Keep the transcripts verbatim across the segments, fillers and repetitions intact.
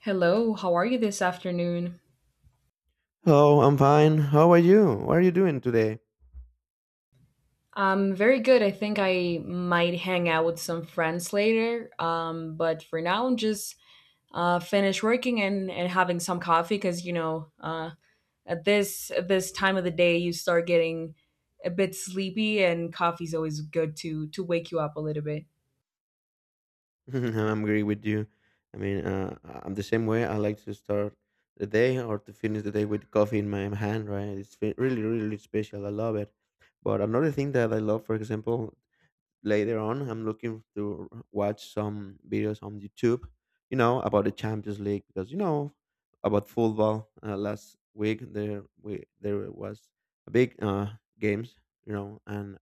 Hello, how are you this afternoon? Hello, I'm fine. How are you? What are you doing today? Um, very good. I think I might hang out with some friends later. Um, but for now, I'm just uh, finish working and, and having some coffee because you know uh, at this at this time of the day you start getting a bit sleepy and coffee's always good to to wake you up a little bit. I'm agree with you. I mean, uh, I'm the same way. I like to start the day or to finish the day with coffee in my hand, right? It's fe- really, really special. I love it. But another thing that I love, for example, later on I'm looking to watch some videos on YouTube, you know about the Champions League, because you know about football. Uh, last week there we there was a big uh games, you know and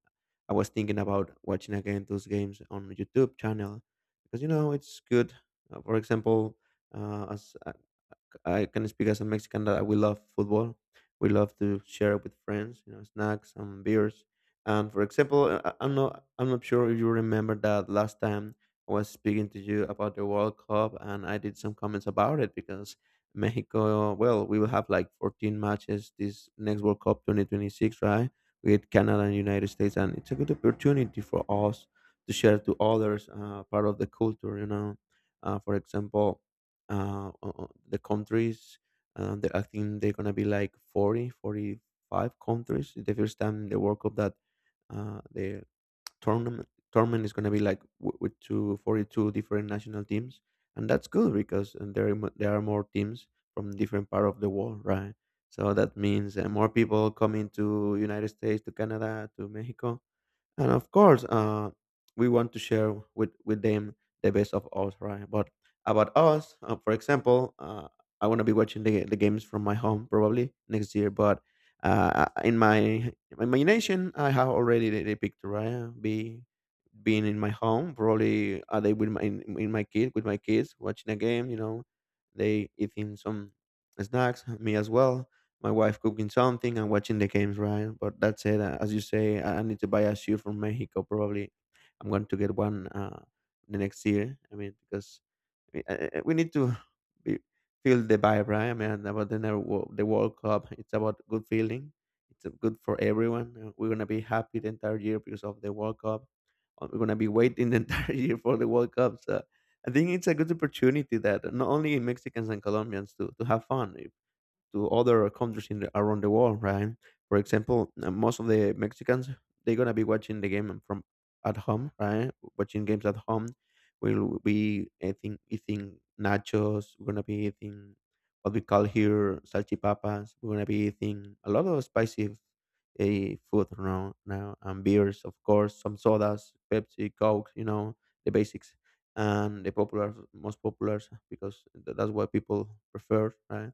I was thinking about watching again those games on YouTube channel because you know it's good. Uh, for example uh, as I can speak as a Mexican that we love football. We love to share it with friends, you know, snacks and beers. And for example, I- I- I'm not I'm not sure if you remember that last time I was speaking to you about the World Cup, and I did some comments about it because Mexico, well, we will have like fourteen matches this next World Cup twenty twenty-six, right? With Canada and United States, and it's a good opportunity for us to share to others uh, part of the culture, you know. Uh, for example, uh, o- o- The countries, um, they, I think they're gonna be like forty, forty-five 45 countries. It's the first time in the World Cup that uh, the tournament tournament is gonna be like w- with two forty-two different national teams, and that's good because uh, there are, mo- there are more teams from different part of the world, right? So that means uh, more people coming to United States, to Canada, to Mexico, and of course, uh, we want to share with, with them the best of us, right? But about us, uh, for example uh, I want to be watching the, the games from my home, probably next year. But uh, in my in my imagination I have already the, the picture, right? be Being in my home, probably a day with my in, in my kid with my kids, watching a game. You know, they eating some snacks, me as well. My wife cooking something and watching the games, right? But that's it. Uh, As you say, I I need to buy a shoe from Mexico. Probably, I'm going to get one uh, the next year. I mean, because we uh, uh, we need to be, feel the vibe, right? I mean, about the never wo- the World Cup, it's about good feeling. It's uh, good for everyone. Uh, We're gonna be happy the entire year because of the World Cup. Uh, We're gonna be waiting the entire year for the World Cup. So I think it's a good opportunity that not only Mexicans and Colombians to to have fun to other countries in the, around the world, right? For example, uh, most of the Mexicans, they're gonna be watching the game from at home, right? Watching games at home. We'll be eating eating nachos. We're gonna be eating what we call here salchipapas. We're gonna be eating a lot of spicy a food now now and beers, of course, some sodas, Pepsi, Coke, you know, the basics and the popular most populars because th- that's what people prefer, right?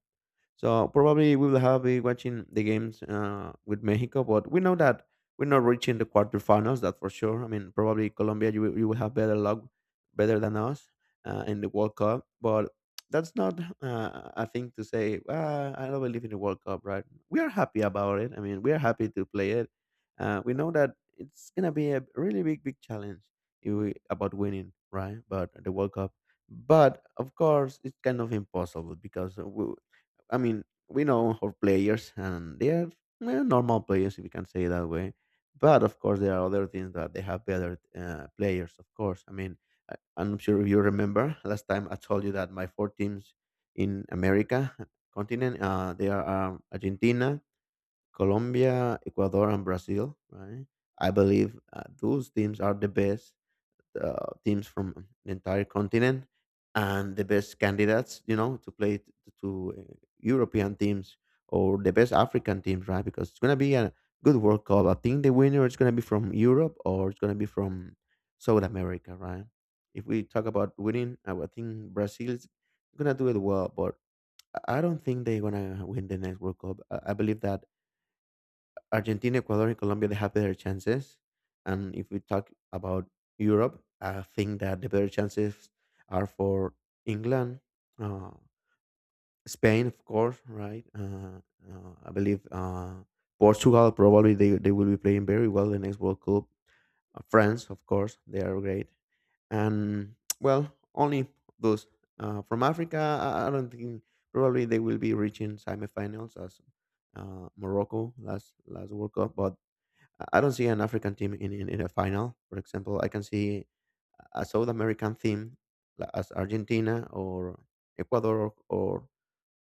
So probably we will have be watching the games uh, with Mexico, but we know that we're not reaching the quarterfinals. That for sure. I mean, probably Colombia, you will- you will have better luck, better than us uh, in the World Cup. But that's not uh, a thing to say. Uh, I don't believe in the World Cup, right? We are happy about it. I mean, we are happy to play it. Uh, we know that it's gonna be a really big, big challenge if we, about winning, right? But the World Cup, but of course it's kind of impossible because we. I mean, we know our players, and they are eh, normal players, if we can say it that way. But of course, there are other teams that they have better uh, players. Of course, I mean, I, I'm sure you remember last time I told you that my four teams in America continent, uh, they are, um, Argentina, Colombia, Ecuador, and Brazil. Right? I believe uh, those teams are the best uh, teams from the entire continent and the best candidates, you know, to play t- to uh, European teams or the best African teams, right? Because it's gonna be a good World Cup. I think the winner is gonna be from Europe or it's gonna be from South America, right? If we talk about winning, I would think Brazil's gonna do it well, but I I don't think they're gonna win the next World Cup. I I believe that Argentina, Ecuador, and Colombia they have better chances. And if we talk about Europe, I think that the better chances are for England, uh, Spain, of course, right? Uh, uh, I believe uh, Portugal, probably they, they will be playing very well the next World Cup. Uh, France, of course, they are great. And well, only those uh, from Africa. I, I don't think probably they will be reaching semifinals as uh, Morocco last last World Cup, but I don't see an African team in, in, in a final. For example, I can see a South American team like as Argentina or Ecuador or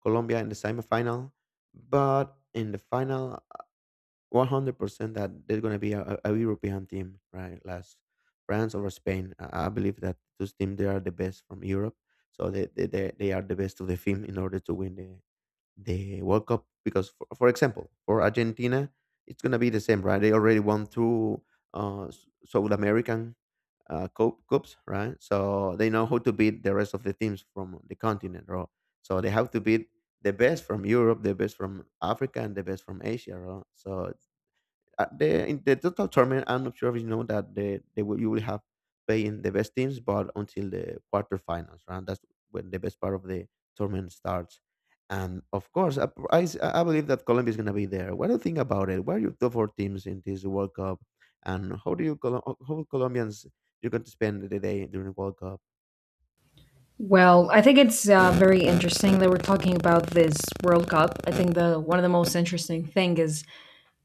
Colombia in the semifinal. But in the final, one hundred percent that there's going to be a, a a European team, right? Last France over Spain. I I believe that those teams, they are the best from Europe. So they, they, they they are the best of the team in order to win the, the World Cup because, for, for example, for Argentina, it's gonna be the same, right? They already won two uh, S- South American uh, cup, cups, right? So they know how to beat the rest of the teams from the continent, right? So they have to beat the best from Europe, the best from Africa, and the best from Asia, right? So uh, the in the total tournament, I'm not sure if you know that the they will you will have playing the best teams, but until the quarterfinals, right? That's when the best part of the tournament starts. And of course, I, I, s- I believe that Colombia is going to be there. What do you think about it? What are your top four teams in this World Cup, and how do you Colo- how Colombians you're going to spend the day during World Cup? Well, I think it's uh, very interesting that we're talking about this World Cup. I think the one of the most interesting thing is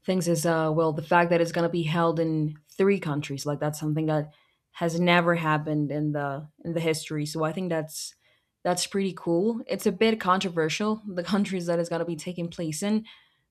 things is uh well, the fact that it's going to be held in three countries, like that's something that has never happened in the in the history, so I think that's that's pretty cool. It's a bit controversial, the countries that it's going to be taking place in.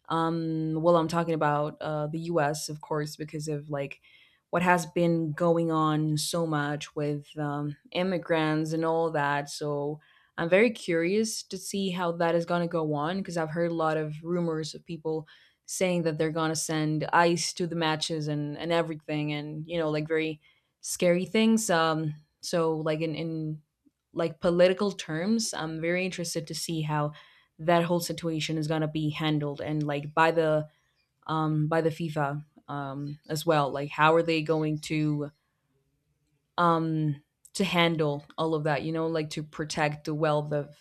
um, Well, I'm talking about uh, the U S, of course, because of like what has been going on so much with um, immigrants and all that. So I'm very curious to see how that is going to go on because I've heard a lot of rumors of people saying that they're going to send ice to the matches and, and everything, and, you know, like very scary things. Um, so, like, in, in like political terms, I'm very interested to see how that whole situation is gonna be handled, and like by the um by the FIFA um as well. Like how are they going to um to handle all of that, you know, like to protect the wealth of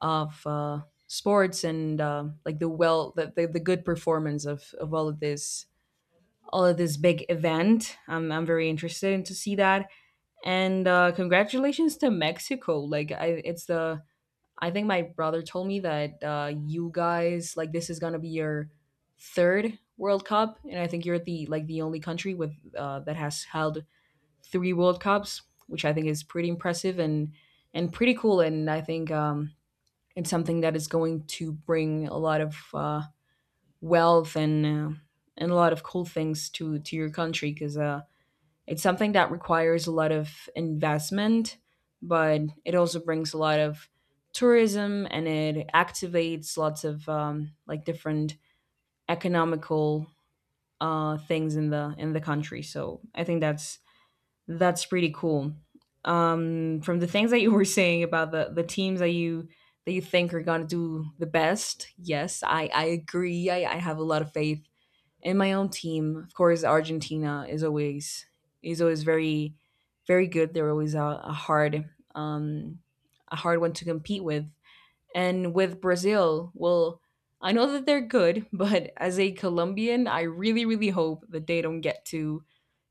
of uh sports and uh, like the well the, the, the good performance of of all of this, all of this big event. i'm, I'm very interested to see that. And uh, congratulations to Mexico. Like I, it's the, I think my brother told me that uh, you guys, like, this is gonna be your third World Cup, and I think you're the, like, the only country with uh, that has held three World Cups, which I think is pretty impressive and and pretty cool. And I think um, it's something that is going to bring a lot of uh, wealth and uh, and a lot of cool things to to your country, because it's something that requires a lot of investment, but it also brings a lot of tourism, and it activates lots of um, like different economical uh, things in the in the country. So I think that's that's pretty cool. Um, from the things that you were saying about the the teams that you that you think are gonna do the best, yes, I I agree. I, I have a lot of faith and my own team. Of course, Argentina is always is always very very good. They're always a, a hard um, a hard one to compete with. And with Brazil, well, I know that they're good, but as a Colombian, I really really hope that they don't get to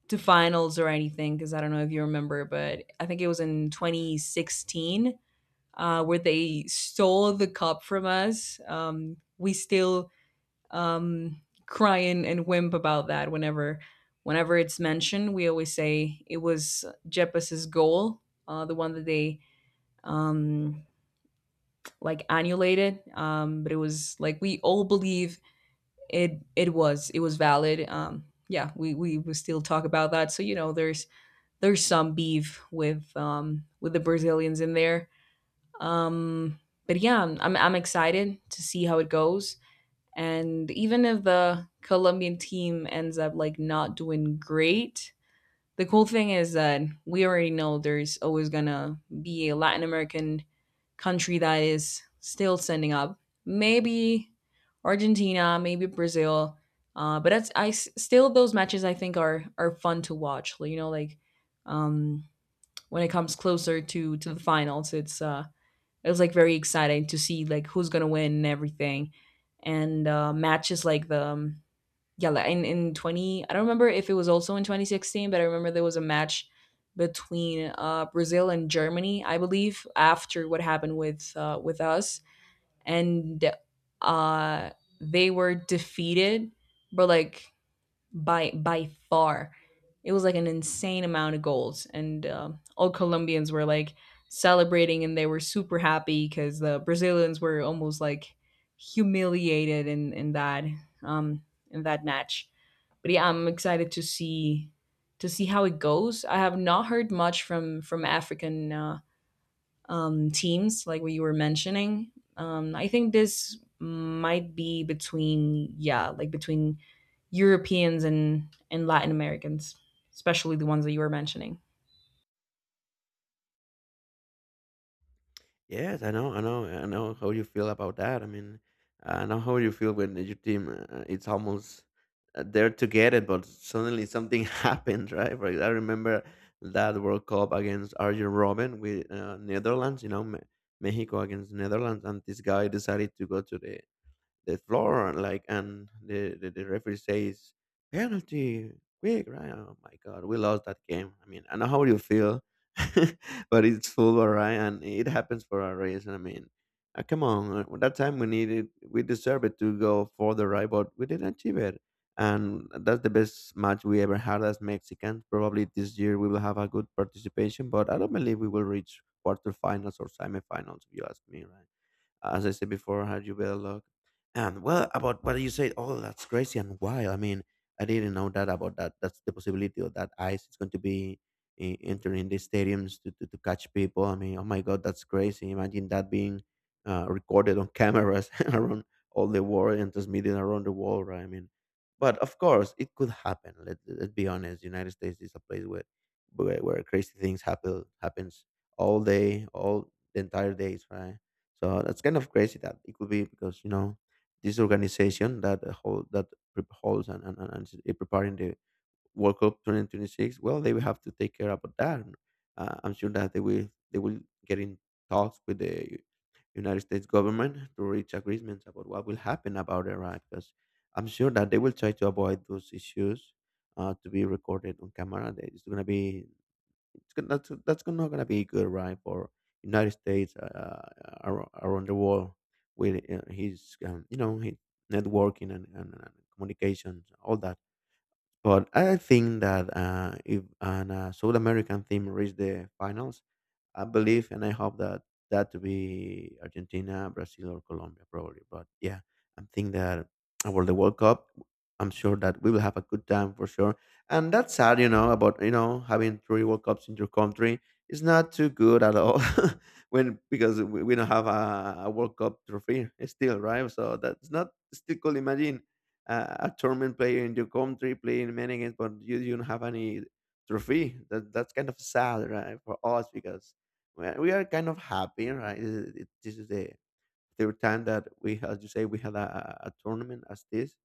to finals or anything, because I don't know if you remember, but I think it was in twenty sixteen uh, where they stole the cup from us. Um, we still um, cry and, and whimp about that whenever whenever it's mentioned. We always say it was Jeppes's goal, uh, the one that they um, like annulated, um, but it was like we all believe it. It was it was valid. Um, yeah, we, we we still talk about that. So you know, there's there's some beef with um, with the Brazilians in there. Um, but yeah, I'm I'm excited to see how it goes. And even if the Colombian team ends up like not doing great, the cool thing is that we already know there's always gonna be a Latin American country that is still sending up. Maybe Argentina, maybe Brazil. Uh, but that's I s- still those matches, I think, are are fun to watch. Like, you know, like um, when it comes closer to to the finals, it's uh, it was like very exciting to see like who's gonna win and everything. And uh, matches like the um, yeah, like in, in twenty, i don't remember if it was also in twenty sixteen, but I remember there was a match between uh, Brazil and Germany, I believe, after what happened with uh, with us, and uh, they were defeated, but like by by far. It was like an insane amount of goals, and um all Colombians were like celebrating, and they were super happy because the Brazilians were almost like humiliated in in that um, in that match. But yeah, I'm excited to see to see how it goes. I have not heard much from from African uh, um, teams, like what you were mentioning. Um, I think this might be between, yeah, like between Europeans and, and Latin Americans, especially the ones that you were mentioning. Yes, I know, I know, I know how you feel about that. I mean, I know how you feel when your team, uh, it's almost uh, there to get it, but suddenly something happens, right? Like I remember that World Cup against Arjen Robben with uh, Netherlands, you know, Me- Mexico against Netherlands, and this guy decided to go to the the floor, like, and the, the, the referee says, penalty, quick, right? Oh my God, we lost that game. I mean, I know how you feel, but it's football, right? And it happens for a reason. I mean, uh, come on, uh, that time we needed, we deserved it to go further, right? But we didn't achieve it. And that's the best match we ever had as Mexicans. Probably this year we will have a good participation, but I don't believe we will reach quarterfinals or semifinals, if you ask me, right? As I said before, had you better luck. And well, about what you said, oh, that's crazy and wild. I mean, I didn't know that about that. That's the possibility of that ICE is going to be eh, entering the stadiums to, to, to catch people. I mean, oh my God, that's crazy. Imagine that being uh, recorded on cameras around all the world and transmitted around the world, right? I mean, but of course, it could happen. Let, let's be honest. United States is a place where, where, where crazy things happen happens all day, all the entire days, right? So that's kind of crazy that it could be because you know this organization that uh, hold that pre- holds and and, and is preparing the World Cup twenty twenty-six. Well, they will have to take care about that. Uh, I'm sure that they will they will get in talks with the United States government to reach agreements about what will happen about it, right? Because I'm sure that they will try to avoid those issues uh, to be recorded on camera. There- It's going to be it's gon- that's that's not gonna be good, right, for United States, uh, uh, ar- around the world with uh, his, um, you know his networking and, and, and communications, all that. But I think that uh, if an uh, South American team reached the finals, I believe and I hope that that to be Argentina, Brazil, or Colombia, probably. But yeah, I think that about the World Cup, I'm sure that we will have a good time for sure. And that's sad, you know, about you know having three World Cups in your country. It's not too good at all when because we, we don't have a, a World Cup trophy still, right? So that's not still could imagine a, a tournament player in your country playing many games, but you, you don't have any trophy. That that's kind of sad, right, for us because we are, we are kind of happy, right? This is, it- this is the third time that we, as you say, we had a, a a tournament as this,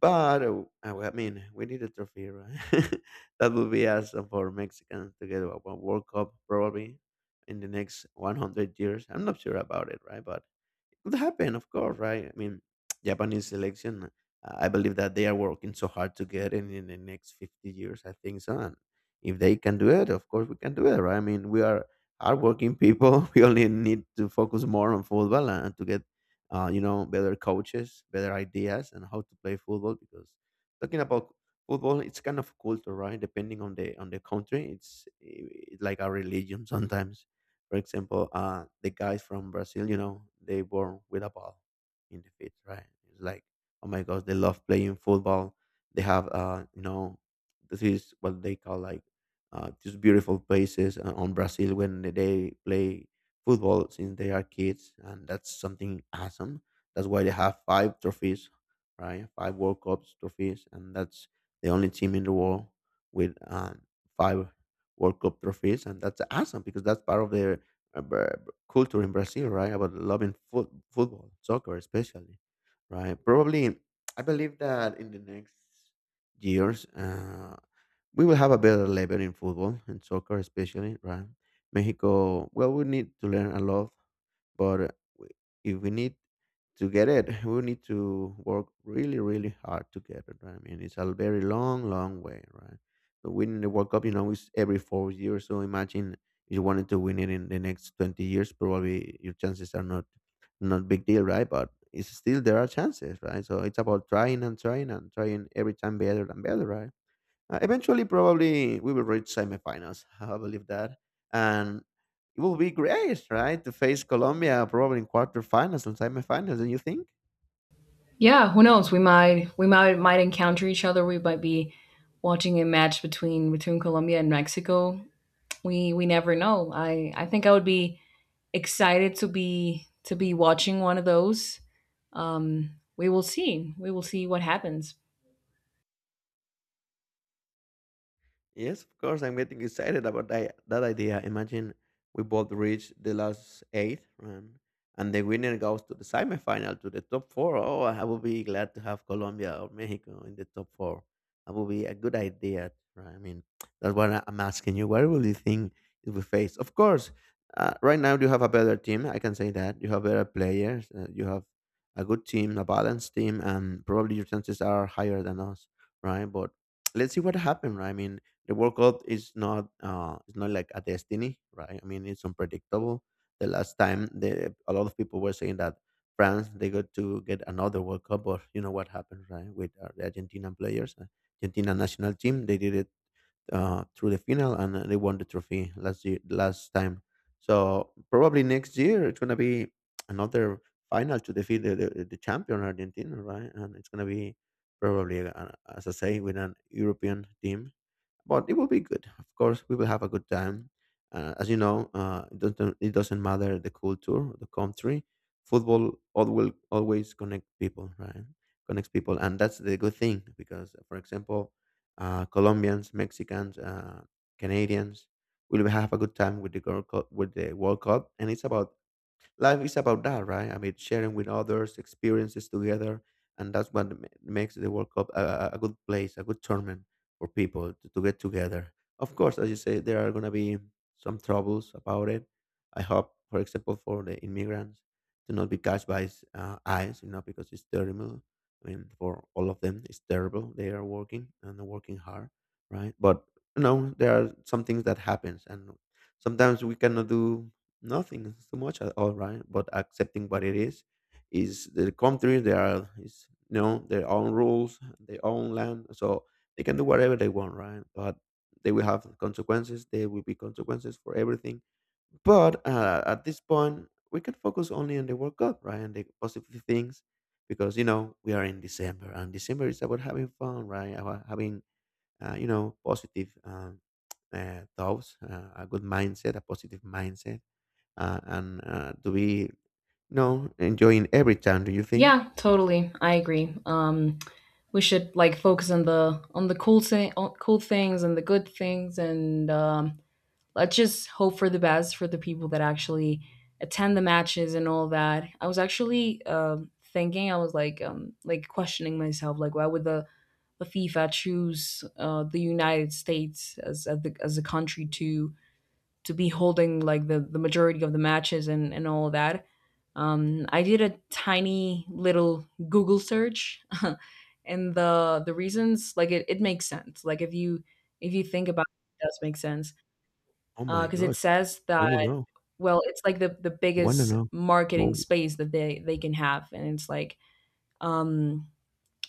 but uh, uh, I mean, we need a trophy, right? That would be awesome for Mexicans to get a a World Cup probably in the next one hundred years. I'm not sure about it, right? But could happen, of course, right? I mean, Japanese selection. uh, I believe that they are working so hard to get in in the next fifty years. I think so. And if they can do it, of course we can do it, right? I mean, we are hardworking people. We only need to focus more on football and and to get, uh, you know, better coaches, better ideas, and how to play football. Because talking about football, it's kind of culture, right? Depending on the on the country, it's eh, like a religion sometimes. For example, uh, the guys from Brazil, you know, they born with a ball in the feet, right? It's like, oh my gosh, they love playing football. They have, uh, you know, this is what they call like uh, these beautiful places uh, on Brazil when they play football since they are kids, and that's something awesome. That's why they have five trophies, right? Five World Cups trophies, and that's the only team in the world with um, five World Cup trophies, and that's awesome because that's part of their about culture in Brazil, right? About loving foot, football, soccer, especially, right? Probably, I believe that in the next years, uh, we will have a better level in football and soccer, especially, right? Mexico, well, we need to learn a lot but uh, we- if we need to get it, we need to work really, really hard to get it. Right? I mean, it's a very long, long way, right? But winning the World Cup, you know, is every four years. So imagine if you wanted to win it in the next twenty years, probably your chances are not not big deal, right? But it's still there are chances, right? So it's about trying and trying and trying every time better and better, right? Uh, eventually, probably we will reach semifinals. I believe that, and it will be great, right, to face Colombia probably in quarterfinals and semifinals. Don't you think? Yeah, who knows? We might we might might encounter each other. We might be watching a match between between Colombia and Mexico. We we never know. I I think I would be excited to be to be watching one of those. Um, we will see. We will see what happens. Yes, of course. I'm getting excited about that, that idea. Imagine we both reach the last eight, um, and the winner goes to the semifinal, to the top four. Oh, I would be glad to have Colombia or Mexico in the top four. That would be a good idea. Right? I mean, that's what I- I'm asking you. What will you think if we face? Of course, uh, right now you have a better team. I can say that you have better players. Uh, you have a good team, a balanced team, and probably your chances are higher than us, right? But let's see what happens. Right? I mean the World Cup is not uh, it's not like a destiny, right? I mean, it's unpredictable. The last time, the, a lot of people were saying that France they got to get another World Cup, but you know what happened, right? With uh, the Argentina players, uh, Argentina national team, they did it uh, through the final and uh, they won the trophy last year, last time. So probably next year it's gonna be another final to defeat the, the, the champion Argentina, right? And it's gonna be probably, uh, as I say, with an European team but it will be good. Of course, we will have a good time. Uh, as you know, uh, it, doesn't, it doesn't matter the culture, the country. Football al- will always connect people, right? Connects people, and that's the good thing because, for example, uh, Colombians, Mexicans, uh, Canadians will have a good time with the girl, with the World Cup, and it's about Life is about that, right? I mean, sharing with others, experiences together, and that's what ma- makes the World Cup a, a a good place, a good tournament for people to, to get together. Of course, as you say, there are going to be some troubles about it. I hope, for example, for the immigrants to not be catched by s- uh, ICE, you know, because it's terrible. I mean, for all of them, it's terrible. They are working and they're working hard, right? But you know, there are some things that happens, and sometimes we cannot do Nothing so much at all, right? But accepting what it is is the country. There are is you know their own rules, their own land, so they can do whatever they want, right? But they will have consequences. There will be consequences for everything. But uh, at this point, we can focus only on the World Cup, right, and the positive things, because you know we are in December, and December is about having fun, right? About having uh, you know positive um, uh, thoughts, uh, a good mindset, a positive mindset uh, and uh, to be, you know, enjoying every time, do you think? Yeah, totally. I agree. Um, we should like focus on the on the cool thi- cool things and the good things. And um, let's just hope for the best for the people that actually attend the matches and all that. I was actually um, thinking, I was like, um, like questioning myself, like, why would the the FIFA choose uh, the United States as as, the, as a country to to be holding like the, the majority of the matches and and all that? Um, I did a tiny little Google search, and the the reasons, like, it, it makes sense. Like if you if you think about it, it does make sense. Oh my Because gosh, it says let me that, know. well, it's like the the I want to biggest know. marketing Oh, space that they they can have, and it's like, um,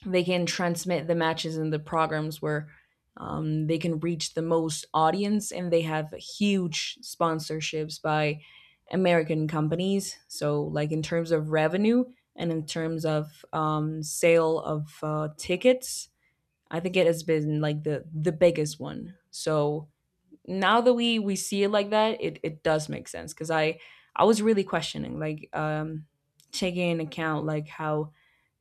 they can transmit the matches and the programs where, um, they can reach the most audience, and they have huge sponsorships by American companies. So, like, in terms of revenue and in terms of, um, sale of, uh, tickets, I think it has been, like, the the biggest one. So now that we we see it like that, it it does make sense, because I I was really questioning like um taking into account like how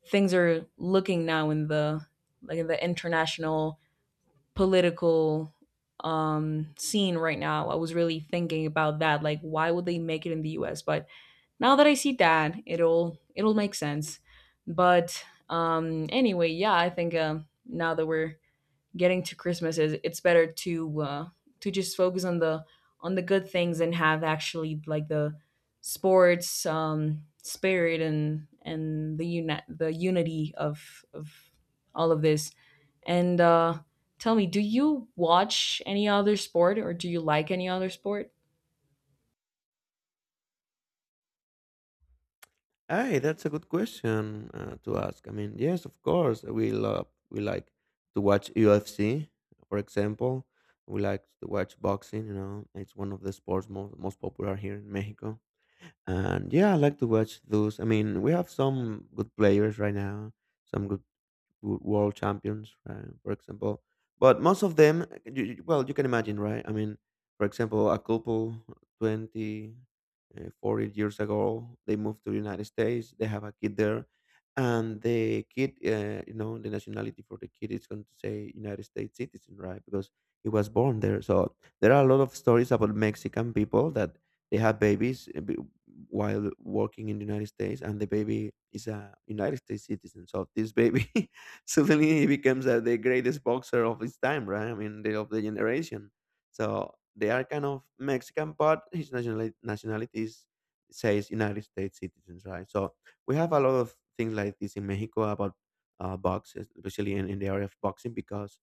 things are looking now in the like in the international political um scene right now. I was really thinking about that, like why would they make it in the U S? But now that I see that, it'll it'll make sense. But um anyway, yeah, I think um now that we're getting to Christmas, is it's better to uh, to just focus on the on the good things and have actually like the sports um, spirit and and the uni- the unity of of all of this. And uh, tell me, do you watch any other sport, or do you like any other sport? hey, that's a good question uh, to ask. I mean, yes, of course, we love, we like to watch U F C, for example. We like to watch boxing. You know, it's one of the sports most most popular here in Mexico. And yeah, I like to watch those. I mean, we have some good players right now, some good w- world champions, right, for example. But most of them, you, you- well, you can imagine, right? I mean, for example, a couple twenty, uh, forty years ago, they moved to the United States. They have a kid there. And the kid, uh, you know, the nationality for the kid is going to say United States citizen, right? Because he was born there. So there are a lot of stories about Mexican people that they have babies uh, b- while working in the United States, and the baby is a United States citizen. So this baby suddenly he becomes uh, the greatest boxer of his time, right? I mean, the, of the generation. So they are kind of Mexican, but his nationality, nationality is, says United States citizens, right? So we have a lot of things like this in Mexico about uh, box, especially in, in the area of boxing, because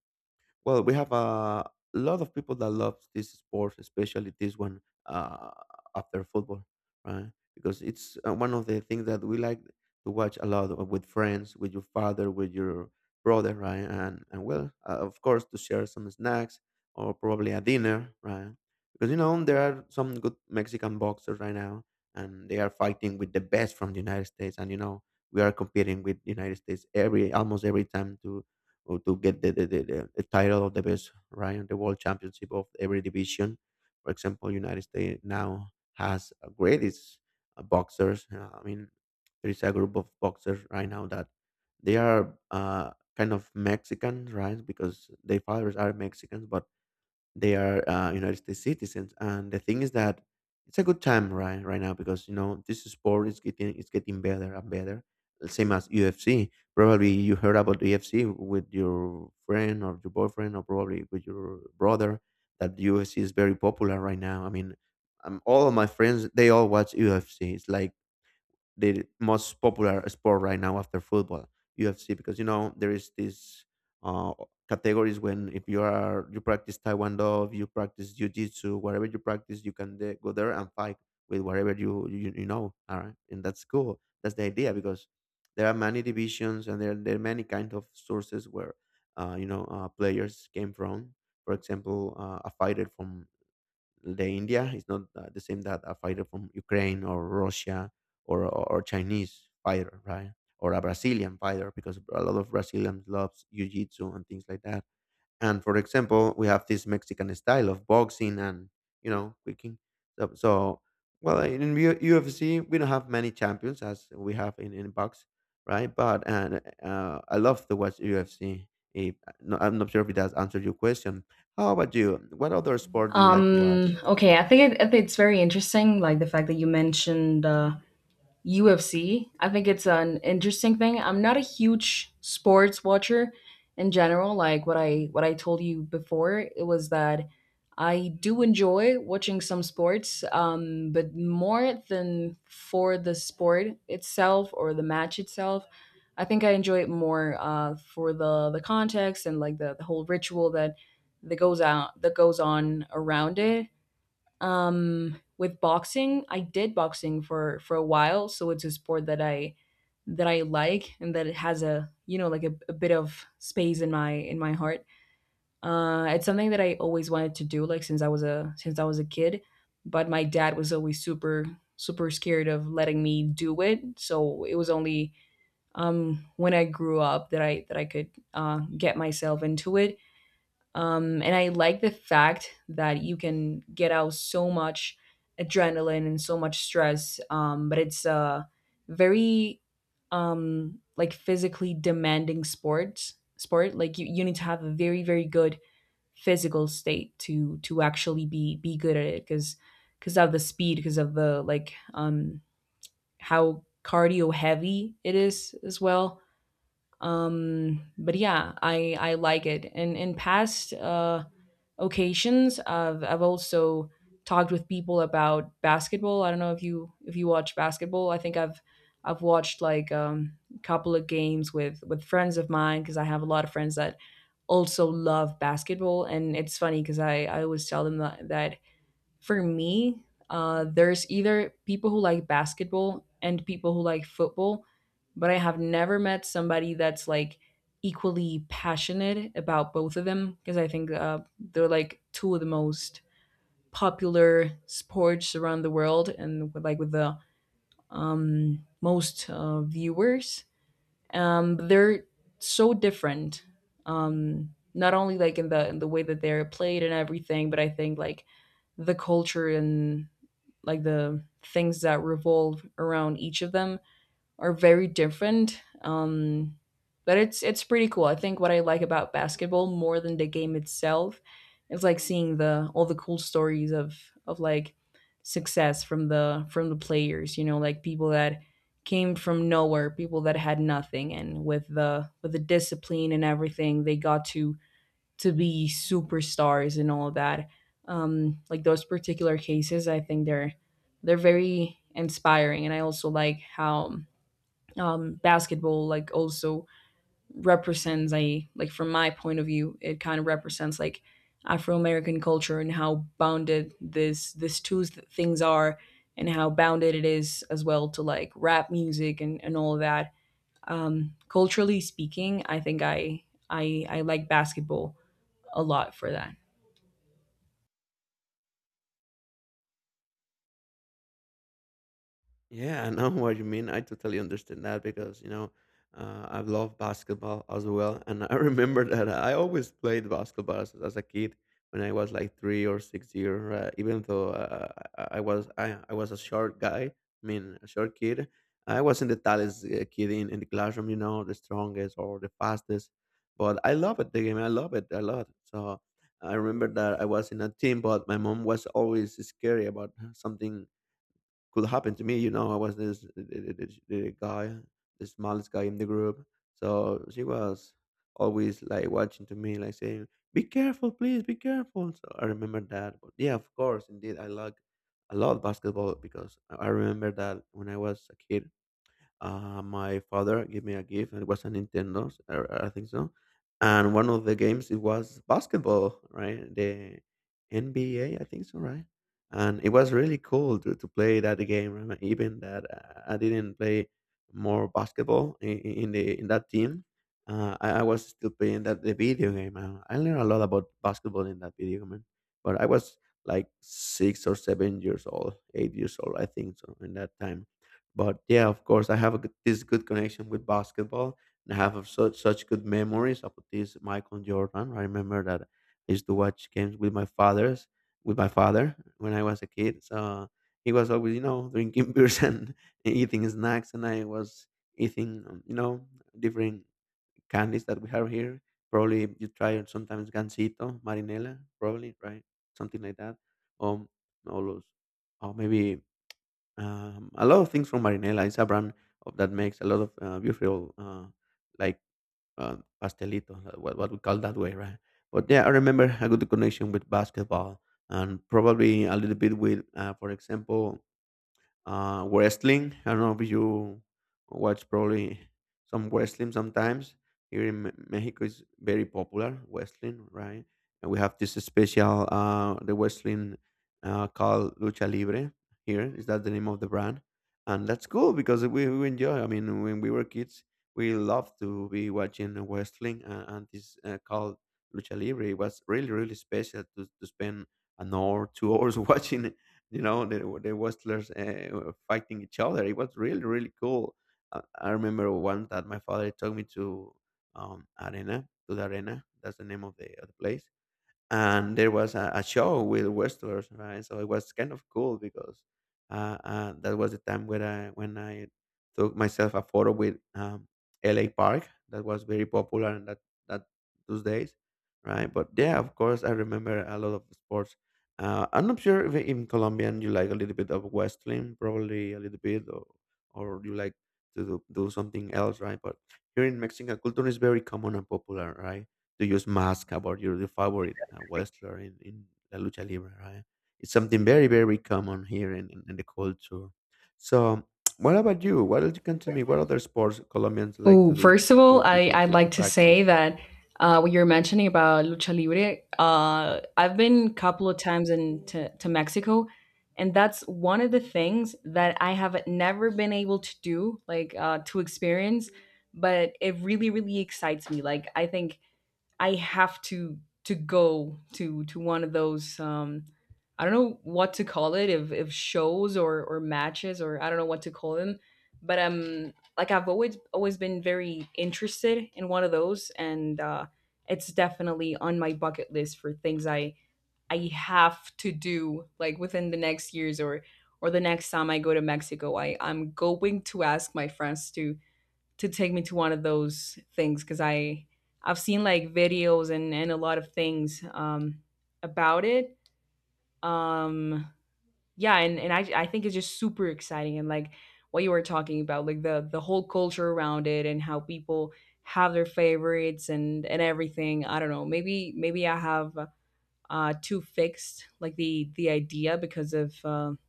well, we have a lot of people that love this sport, especially this one uh, after football, right? Because it's uh, one of the things that we like to watch a lot uh, with friends, with your father, with your brother, right? And and well, uh, of course, to share some snacks or probably a dinner, right? Because you know there are some good Mexican boxers right now, and they are fighting with the best from the United States, and you know we are competing with the United States every almost every time to or to get the, the, the, the the title of the best right on the world championship of every division. For example, United States now has a greatest uh, boxers. Uh, I mean, there is a group of boxers right now that they are uh, kind of Mexicans, right? Because their fathers are Mexicans, but they are uh, United States citizens, and the thing is that it's a good time right right now because you know this sport is getting it's getting better and better. Same as U F C. Probably you heard about U F C with your friend or your boyfriend or probably with your brother. That U F C is very popular right now. I mean, um, all of my friends they all watch U F C. It's like the most popular sport right now after football, U F C, because you know there is this uh, categories when if you are you practice Taekwondo, if you practice Jiu-Jitsu, whatever you practice, you can the- go there and fight with whatever you you, you know. All right, and that's cool. That's the idea because there are many divisions and there there are many kind of sources where uh, you know uh, players came from. For example, uh, a fighter from the India is not uh, the same that a fighter from Ukraine or Russia or, or, or Chinese fighter, right? Or a Brazilian fighter because a lot of Brazilians loves jiu-jitsu and things like that. And for example, we have this Mexican style of boxing and you know kicking. So, so well, in U- UFC we don't have many champions as we have in in box, right? But and uh, I love to watch U F C. If, no, I'm not sure if it has answered your question. How about you? What other sport do you like to watch? Um. Okay, I think it, I think it's very interesting, like the fact that you mentioned. Uh, U F C. I think it's an interesting thing. I'm not a huge sports watcher in general, like what I what I told you before. It was that I do enjoy watching some sports, um, but more than for the sport itself or the match itself, I think I enjoy it more uh, for the the context and like the, the whole ritual that that goes out that goes on around it. Um, with boxing, I did boxing for for a while, so it's a sport that I that I like, and that it has a, you know, like a, a bit of space in my in my heart. Uh, it's something that I always wanted to do, like since I was a since I was a kid, but my dad was always super super scared of letting me do it. So it was only um, when I grew up that I that I could uh, get myself into it. Um, and I like the fact that you can get out so much adrenaline and so much stress, um, but it's a very um, like physically demanding sports sport. Like you, you need to have a very very good physical state to to actually be be good at it, because because of the speed, because of the like um how cardio heavy it is as well. Um but yeah, i i like it. And in past uh occasions, I've I've also talked with people about basketball. I don't know if you if you watch basketball. I think I've I've watched like um, a couple of games with with friends of mine because I have a lot of friends that also love basketball, and it's funny because I I always tell them that that for me, uh, there's either people who like basketball and people who like football, but I have never met somebody that's like equally passionate about both of them because I think uh, they're like two of the most popular sports around the world and with, like with the um, most uh, viewers. Um, but they're so different. Um, not only like in the in the way that they're played and everything, but I think like the culture and like the things that revolve around each of them are very different. Um, but it's it's pretty cool. I think what I like about basketball more than the game itself is like seeing the all the cool stories of of like success from the from the players. You know, like people that came from nowhere, people that had nothing, and with the with the discipline and everything, they got to to be superstars and all that. Um, like those particular cases, I think they're they're very inspiring, and I also like how um, basketball like also represents a like from my point of view, it kind of represents like Afro American culture and how bounded this this two th- things are, and how bounded it is as well to like rap music and and all of that. Um, culturally speaking, I think I I I like basketball a lot for that. Yeah, I know what you mean. I totally understand that because, you know, uh, I love basketball as well. And I remember that I always played basketball as, as a kid when I was like three or six years, uh, even though uh, I, I was I, I was a short guy, I mean, a short kid. I wasn't the tallest uh, kid in, in the classroom, you know, the strongest or the fastest. But I love it, the game. I love it a lot. So I remember that I was in a team, but my mom was always scary about something could happen to me. You know, I was this the, the, the the guy, the smallest guy in the group. So she was always like watching to me, like saying, "Be careful, please, be careful." So I remember that. But yeah, of course, indeed, I like I love basketball because I I remember that when I was a kid, uh, my father gave me a gift, and it was a Nintendo, I I think so. And one of the games it was basketball, right? The N B A, I think so, right? And it was really cool to, to play that game. Right? Even that uh, I didn't play more basketball in, in the in that team, uh, I, I was still playing that the video game. Uh, I learned a lot about basketball in that video game, but I was like six or seven years old, eight years old, I think so, in that time. But yeah, of course, I have a, good- this good connection with basketball, and I have of such such good memories about this Michael Jordan. I remember that I used to watch games with my father's with my father when I was a kid. So he was always, you know, drinking beers and eating snacks, and I was eating, um, you know, different candies that we have here. Probably you try it sometimes gansito, marinela, probably right, something like that. Um, all those, or maybe um, A lot of things from Marinela. It's a brand of, that makes a lot of uh, beautiful, uh, like uh, pastelito, uh, what, what we call that way, right? But yeah, I remember a good connection with basketball and probably a little bit with, uh, for example, uh, wrestling. I don't know if you watch probably some wrestling sometimes. Here in Me- Mexico is very popular wrestling, right? And we have this special uh, the wrestling uh, called Lucha Libre. Here is that the name of the brand, and that's cool because we, we enjoy. I mean, when we were kids, we loved to be watching wrestling, uh, and this uh, called Lucha Libre. It was really really special to, to spend an hour, two hours watching you know the, the wrestlers uh, were fighting each other. It was really really cool. uh, I remember one that my father took me to um arena to the arena. That's the name of the, of the place, and there was a, a show with wrestlers, right? So it was kind of cool because uh, uh, that was the time when I when I took myself a photo with um, L A. Park. That was very popular in that that those days, right? But yeah, of course, I remember a lot of sports. Uh, I'm not sure if in Colombian you like a little bit of wrestling, probably a little bit, or or you like to do, do something else, right? But here in Mexican culture is very common and popular, right? To use mask about your, your favorite uh, wrestler in, in La Lucha Libre, right? It's something very, very common here in, in, in the culture. So, what about you? What else you can tell me? What other sports Colombians like Oh, to do first of all, to, to, I, to, I'd to, to like to say practice? that uh, what you're mentioning about lucha libre, uh, I've been a couple of times in to, to Mexico, and that's one of the things that I have never been able to do, like uh, to experience. But it really, really excites me. Like I think I have to to go to to one of those um I don't know what to call it, if if shows or or matches, or I don't know what to call them. But um like I've always always been very interested in one of those, and uh it's definitely on my bucket list for things I I have to do like within the next years, or or the next time I go to Mexico, I I'm going to ask my friends to to take me to one of those things, because I I've seen like videos and and a lot of things, um, about it. Um, yeah, and and I I think it's just super exciting, and like what you were talking about, like the the whole culture around it and how people have their favorites and and everything. I don't know. Maybe maybe I have uh too fixed like the the idea because of um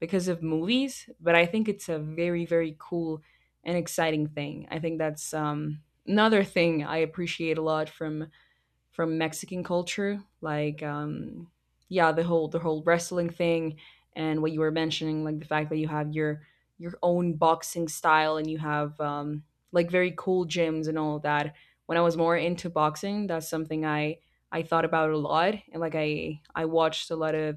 because of movies, but I think it's a very, very cool and exciting thing. I think that's um, another thing I appreciate a lot from from Mexican culture, like um, yeah, the whole the whole wrestling thing, and what you were mentioning, like the fact that you have your your own boxing style, and you have um, like very cool gyms and all of that. When I was more into boxing, that's something I I thought about a lot, and like I I watched a lot of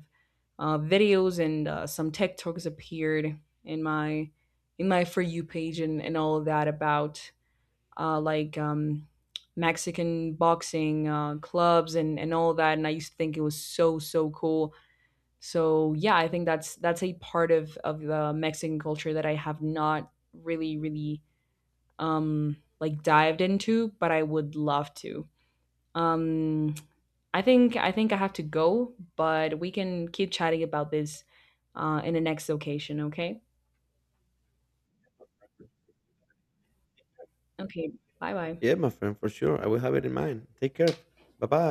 uh, videos, and uh, some TikToks appeared in my in my for you page, and, and all of that about uh, like um, Mexican boxing uh, clubs and and all that. And I used to think it was so so cool. So yeah, I think that's that's a part of of the Mexican culture that I have not really really um, like dived into, but I would love to. Um, I think I think I have to go, but we can keep chatting about this uh, in the next occasion. Okay. Okay. Bye bye. Yeah, my friend, for sure. I will have it in mind. Take care. Bye bye.